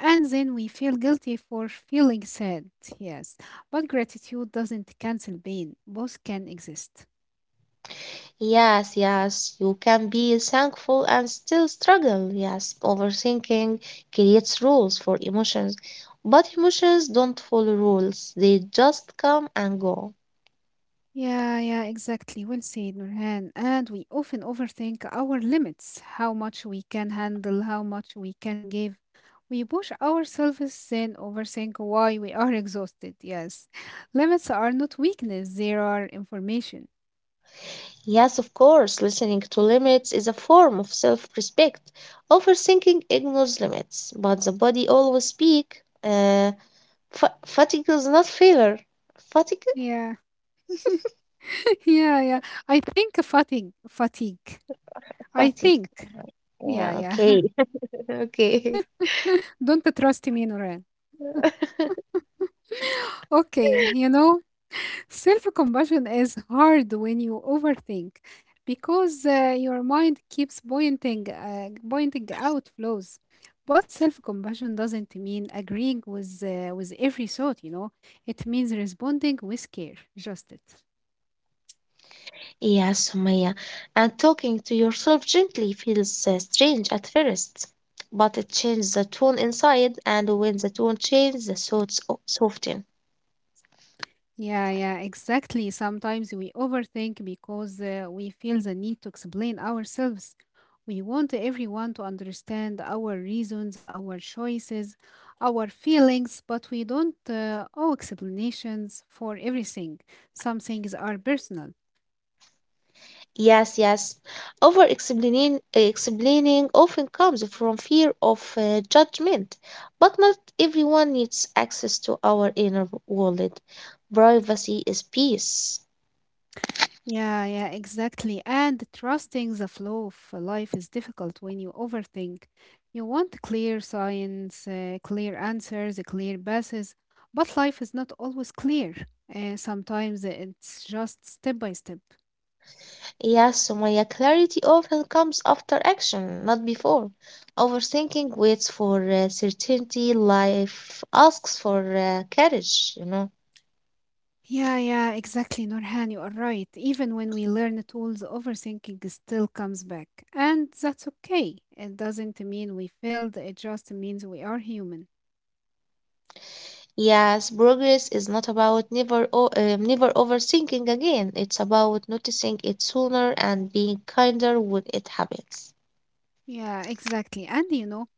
And then we feel guilty for feeling sad. Yes. But gratitude doesn't cancel pain, both can exist. Yes, yes, you can be thankful and still struggle. Yes, overthinking creates rules for emotions, but emotions don't follow rules, they just come and go. Yeah, yeah, exactly. Well said, Nurhan. And we often overthink our limits, how much we can handle, how much we can give. We push ourselves and overthink why we are exhausted. Yes. Limits are not weakness, they are information. Yes, of course, listening to limits is a form of self respect. Overthinking ignores limits, but the body always speaks. Uh, Fatigue is not failure. Fatigue? Yeah. Yeah, yeah. I think fatigue. I Fatigue. think. Yeah, Yeah, yeah. okay. Okay. Don't trust me, Nurhan. Okay, you know. Self compassion is hard when you overthink because your mind keeps pointing out flaws. But self compassion doesn't mean agreeing with every thought, you know, it means responding with care. Just it. Yes, Maya, and talking to yourself gently feels strange at first, but it changes the tone inside, and when the tone changes, soften. Yeah, yeah, exactly. Sometimes we overthink because we feel the need to explain ourselves. We want everyone to understand our reasons, our choices, our feelings, but we don't owe explanations for everything. Some things are personal. Yes, yes. Explaining often comes from fear of judgment, but not everyone needs access to our inner world. Privacy is peace. Yeah, yeah, exactly. And trusting the flow of life is difficult when you overthink. You want clear science, clear answers, clear passes, but life is not always clear. Sometimes it's just step by step. Yes, Sumaya, clarity often comes after action, not before. Overthinking waits for certainty, life asks for courage, you know. Yeah, yeah, exactly, Norhan, you are right. Even when we learn tools, overthinking still comes back. And that's okay. It doesn't mean we failed, it just means we are human. Yes, progress is not about never overthinking again. It's about noticing it sooner and being kinder when it happens. Yeah, exactly. And you know,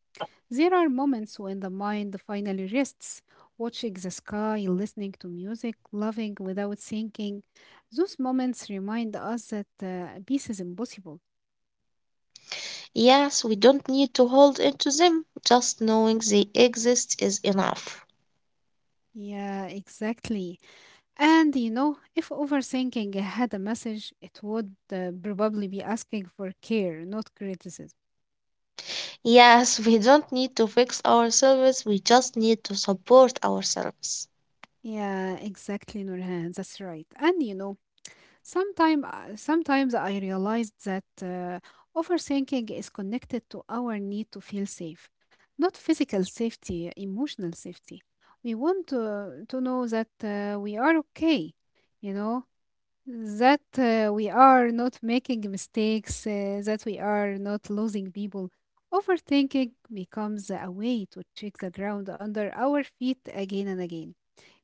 there are moments when the mind finally rests, watching the sky, listening to music, loving without thinking. Those moments remind us that peace is impossible. Yes, we don't need to hold into them. Just knowing they exist is enough. Yeah, exactly. And you know, if overthinking had a message, it would probably be asking for care, not criticism. Yes, we don't need to fix ourselves. We just need to support ourselves. Yeah, exactly, Nurhan. That's right. And you know, sometimes I realized that overthinking is connected to our need to feel safe, not physical safety, emotional safety. We want to know that we are okay, you know, that we are not making mistakes, that we are not losing people. Overthinking becomes a way to check the ground under our feet again and again,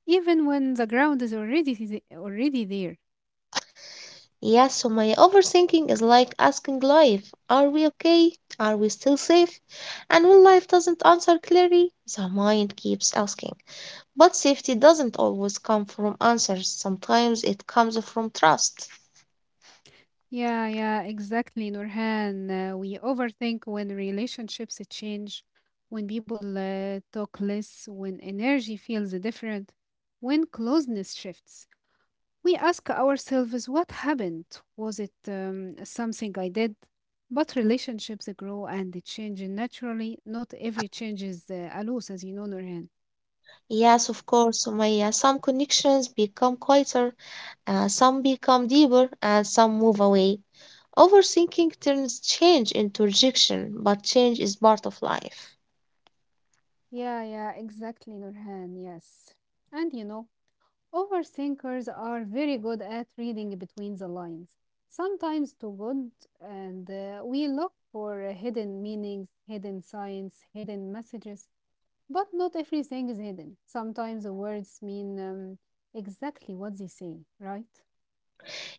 even when the ground is already there. Yes, so my overthinking is like asking life, are we okay? Are we still safe? And when life doesn't answer clearly, the mind keeps asking. But safety doesn't always come from answers. Sometimes it comes from trust. Yeah, yeah, exactly, Nurhan. We overthink when relationships change, when people talk less, when energy feels different, when closeness shifts. We ask ourselves, what happened? Was it something I did? But relationships grow and they change naturally. Not every change is a loss, as you know, Nurhan. Yes, of course, Sumaya. Some connections become quieter, some become deeper, and some move away. Overthinking turns change into rejection, but change is part of life. Yeah, yeah, exactly, Nurhan. Yes. And you know, overthinkers are very good at reading between the lines, sometimes too good, and we look for hidden meanings, hidden signs, hidden messages, but not everything is hidden. Sometimes the words mean exactly what they say, right?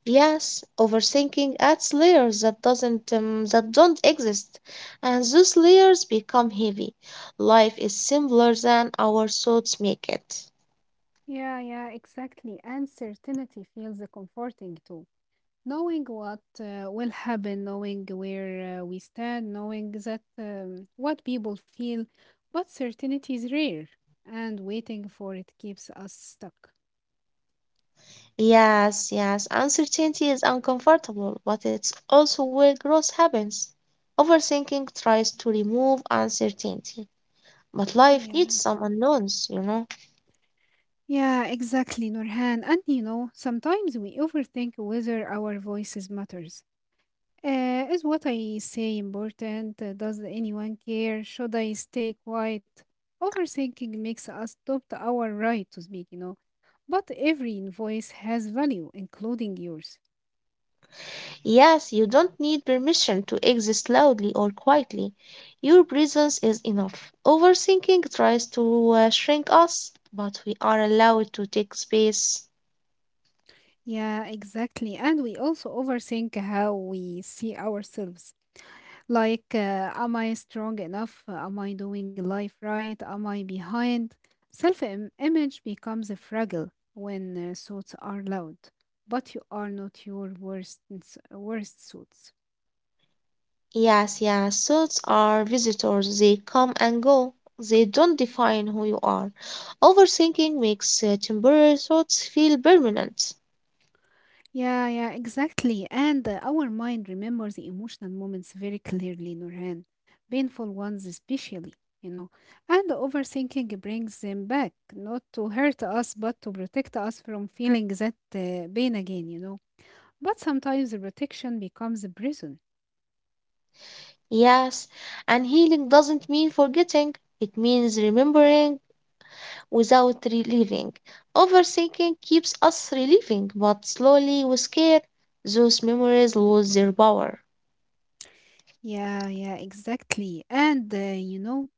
Yes, overthinking adds layers that don't exist, and those layers become heavy. Life is simpler than our thoughts make it. Yeah, yeah, exactly. And certainty feels comforting too. Knowing what will happen, knowing where we stand, knowing that what people feel, but certainty is rare, and waiting for it keeps us stuck. Yes, yes, uncertainty is uncomfortable, but it's also where growth happens. Overthinking tries to remove uncertainty, but life needs Yeah. some unknowns, you know. Yeah, exactly, Nurhan. And you know, sometimes we overthink whether our voices matters. Is what I say important? Does anyone care? Should I stay quiet? Overthinking makes us stop our right to speak, you know. But every voice has value, including yours. Yes, you don't need permission to exist loudly or quietly. Your presence is enough. Overthinking tries to shrink us, but we are allowed to take space. Yeah, exactly. And we also overthink how we see ourselves. Like, am I strong enough? Am I doing life right? Am I behind? Image becomes fragile when thoughts are loud, but you are not your worst thoughts. Yes, yes, thoughts are visitors. They come and go. They don't define who you are. Overthinking makes temporary thoughts feel permanent. Yeah, yeah, exactly. And our mind remembers the emotional moments very clearly, Nurhan, painful ones especially, you know. And overthinking brings them back, not to hurt us, but to protect us from feeling that pain again, you know. But sometimes the protection becomes a prison. Yes, and healing doesn't mean forgetting, it means remembering without relieving. Overthinking keeps us relieving, but slowly with care, those memories lose their power. Yeah, yeah, exactly. And you know,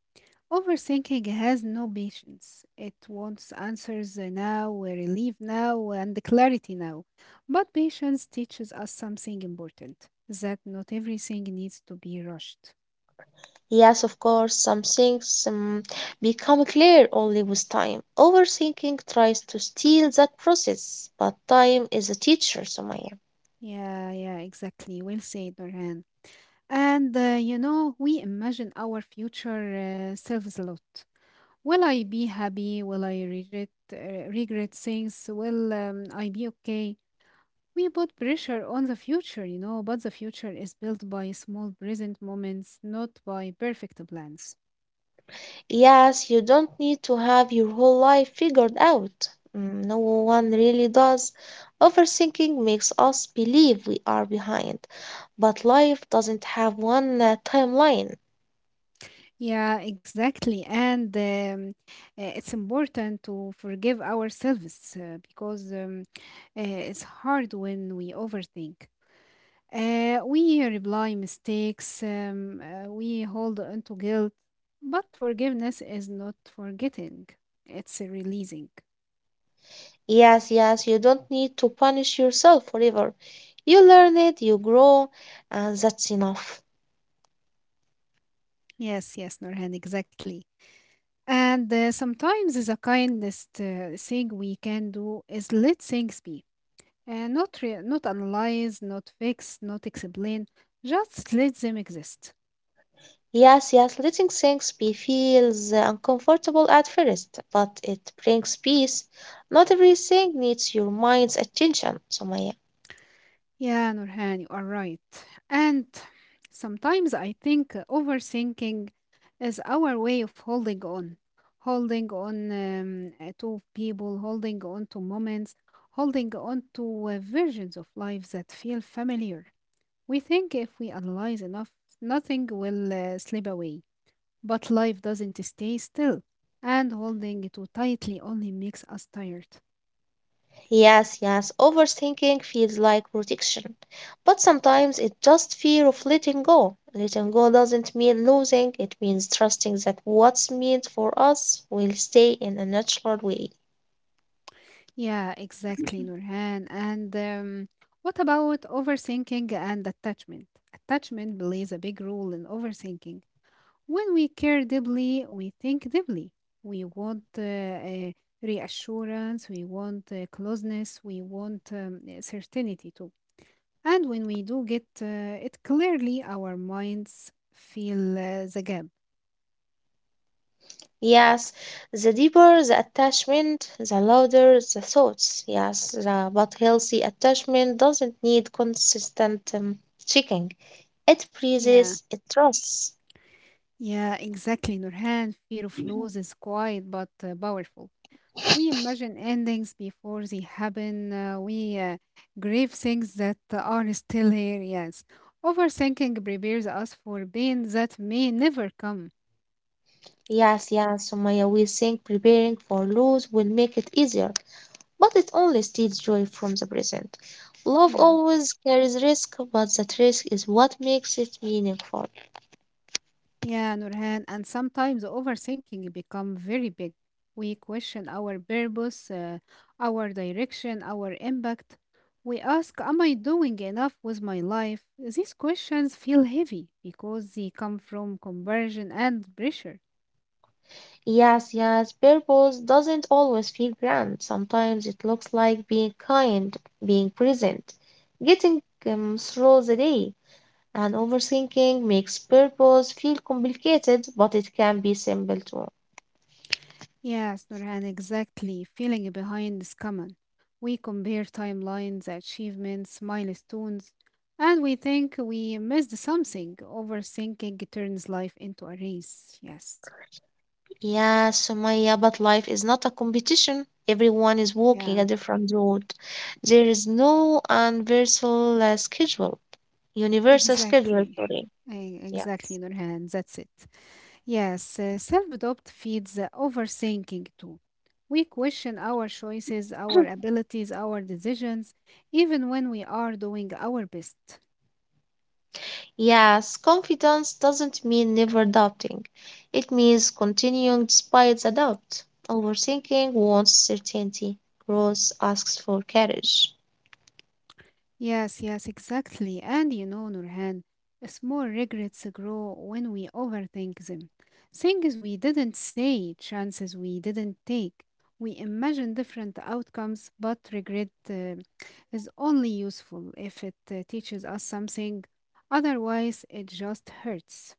overthinking has no patience. It wants answers now, relief now, and clarity now. But patience teaches us something important that not everything needs to be rushed. Yes, of course, some things become clear only with time. Overthinking tries to steal that process, but time is a teacher, Sumaya. Yeah, yeah, exactly. Well said, Norhan. And you know, we imagine our future selves a lot. Will I be happy? Will I regret things? Will I be okay? We put pressure on the future, you know, but the future is built by small present moments, not by perfect plans. Yes, you don't need to have your whole life figured out. Mm, no one really does. Overthinking makes us believe we are behind, but life doesn't have one timeline. Yeah, exactly. And it's important to forgive ourselves because it's hard when we overthink. We reply mistakes, we hold on to guilt, but forgiveness is not forgetting, it's releasing. Yes, yes, you don't need to punish yourself forever. You learn it, you grow, and that's enough. Yes, yes, Norhan, exactly. And sometimes the kindest thing we can do is let things be, not analyze, not fix, not explain, just let them exist. Yes, yes, letting things be feels uncomfortable at first, but it brings peace. Not everything needs your mind's attention, Sumaya. Yeah, Nurhan, you are right. And sometimes I think overthinking is our way of holding on, holding on to people, holding on to moments, holding on to versions of life that feel familiar. We think if we analyze enough, nothing will slip away. But life doesn't stay still, and holding too tightly only makes us tired. Yes, yes, overthinking feels like protection, but sometimes it's just fear of letting go. Letting go doesn't mean losing, it means trusting that what's meant for us will stay in a natural way. Yeah, exactly, Nurhan. And what about overthinking and attachment? Attachment plays a big role in overthinking. When we care deeply, we think deeply. We want reassurance, we want closeness, we want certainty too. And when we do get it clearly, our minds feel the gap. Yes, the deeper the attachment, the louder the thoughts. Yes, but healthy attachment doesn't need consistent checking. It breathes, Yeah, it trusts. yeah, exactly, Nurhan. Fear of Mhm. loss is quiet but powerful. We imagine endings before they happen. We grieve things that are still here. Yes. Overthinking prepares us for pain that may never come. Yes, yes, Sumaya, we think preparing for loss will make it easier, but it only steals joy from the present. Love Yeah. always carries risk, but that risk is what makes it meaningful. Yeah, Nurhan. And sometimes overthinking become very big. We question our purpose, our direction, our impact. We ask, am I doing enough with my life? These questions feel heavy because they come from conversion and pressure. Yes, yes, purpose doesn't always feel grand. Sometimes it looks like being kind, being present, getting through the day. And overthinking makes purpose feel complicated, but it can be simple too. Yes, Nurhan, exactly. Feeling behind is common. We compare timelines, achievements, milestones, and we think we missed something. Overthinking turns life into a race. Yes. Yes, Sumaya, but life is not a competition. Everyone is walking Yeah, a different road. There is no universal schedule, exactly. sorry. Yeah. Exactly, Nurhan. That's it. Yes, self-doubt feeds overthinking too. We question our choices, our abilities, our decisions, even when we are doing our best. Yes, confidence doesn't mean never doubting. It means continuing despite the doubt. Overthinking wants certainty. Growth asks for courage. Yes, yes, exactly. And you know, Nurhan, small regrets grow when we overthink them. Things we didn't say, chances we didn't take. We imagine different outcomes, but regret is only useful if it teaches us something. Otherwise, it just hurts.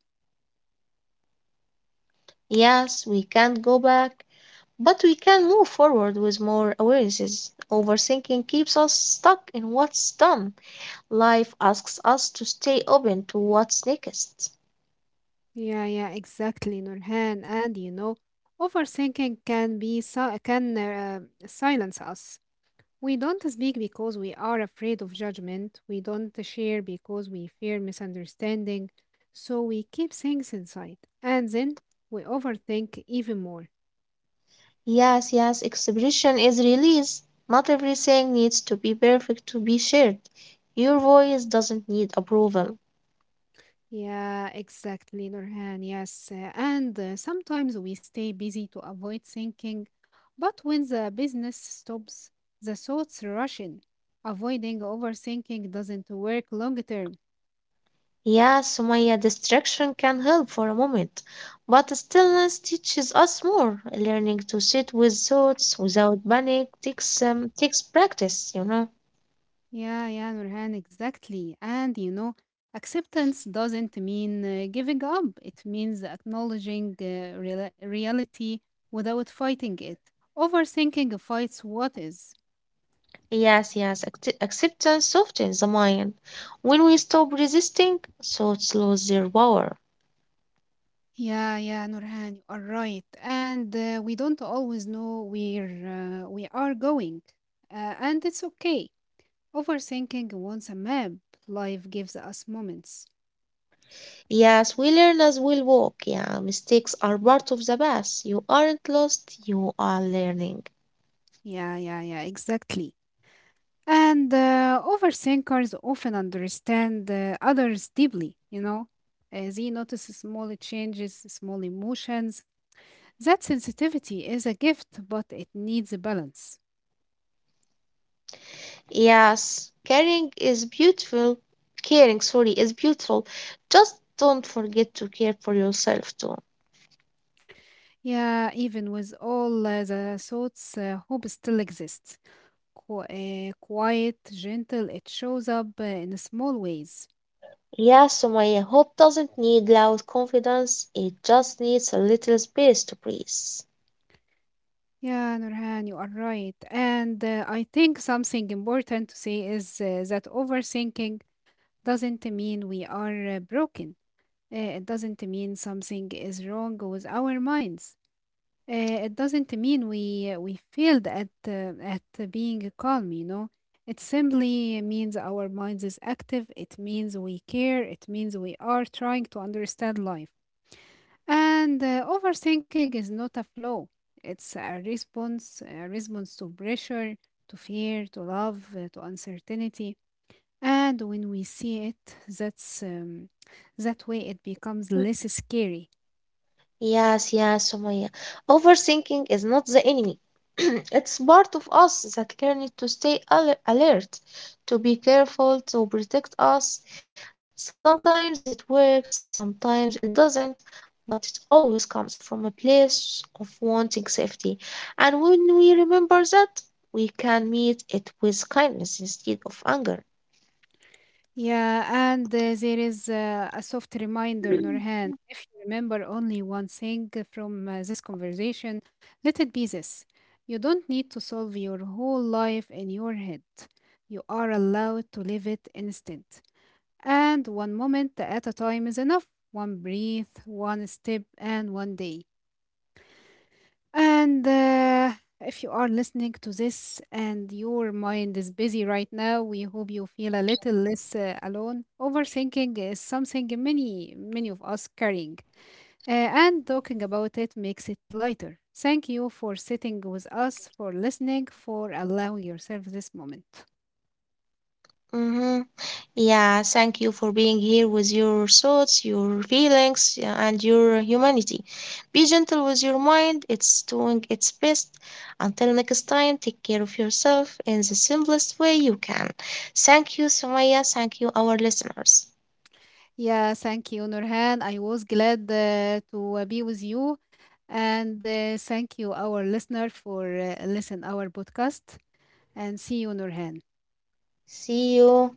Yes, we can't go back, but we can move forward with more awarenesses. Overthinking keeps us stuck in what's done. Life asks us to stay open to what's next. Yeah, yeah, exactly, Nurhan. And you know, overthinking can silence us. We don't speak because we are afraid of judgment. We don't share because we fear misunderstanding. So we keep things inside. And then we overthink even more. Yes, yes, expression is release. Not everything needs to be perfect to be shared. Your voice doesn't need approval. Yeah, exactly, Nurhan. Yes. And sometimes we stay busy to avoid thinking. But when the business stops, the thoughts rush in. Avoiding overthinking doesn't work long term. Yes, Sumaya, distraction can help for a moment, but stillness teaches us more. Learning to sit with thoughts without panic takes practice, you know. Yeah, yeah, Nurhan, exactly. And you know, acceptance doesn't mean giving up. It means acknowledging real reality without fighting it. Overthinking fights what is. Yes, yes, acceptance softens the mind. When we stop resisting, thoughts lose their power. Yeah, yeah, Nurhan, you are right. And we don't always know where we are going. And it's okay. Overthinking wants a map. Life gives us moments. Yes, we learn as we walk. Yeah, mistakes are part of the path. You aren't lost, you are learning. Yeah, yeah, yeah, exactly. And overthinkers often understand others deeply. They notice small changes, small emotions. That sensitivity is a gift, but it needs a balance. Yes, Caring, sorry, is beautiful. Just don't forget to care for yourself too. Yeah, even with all the thoughts, hope still exists. Qu- Quiet, gentle, it shows up in small ways. Yeah, so my hope doesn't need loud confidence. It just needs a little space to breathe. Yeah, Nurhan, you are right. And I think something important to say is that overthinking doesn't mean we are broken. It doesn't mean something is wrong with our minds. It doesn't mean we we failed at being calm. You know, it simply means our minds is active. It means we care. It means we are trying to understand life. And overthinking is not a flaw. It's a response to pressure, to fear, to love, to uncertainty. And when we see it, that way it becomes less scary. Yes, yes, Sumaya. Overthinking is not the enemy. It's part of us that learns to stay alert, to be careful, to protect us. Sometimes it works, sometimes it doesn't, but it always comes from a place of wanting safety. And when we remember that, we can meet it with kindness instead of anger. Yeah, and there is a soft reminder, Nurhan. If you remember only one thing from this conversation, let it be this. You don't need to solve your whole life in your head. You are allowed to live it instead. And one moment at a time is enough. One breath, one step, and one day. And if you are listening to this and your mind is busy right now, we hope you feel a little less alone. Overthinking is something many, many of us carrying, and talking about it makes it lighter. Thank you for sitting with us, for listening, for allowing yourself this moment. Mm-hmm. Yeah, thank you for being here with your thoughts, your feelings, yeah, and your humanity. Be gentle with your mind, it's doing its best. Until next time, take care of yourself in the simplest way you can. Thank you, Sumaya. Thank you, our listeners. Yeah, thank you, Nurhan. I was glad to be with you. And thank you, our listener, for listen our podcast. And see you, Nurhan. See you.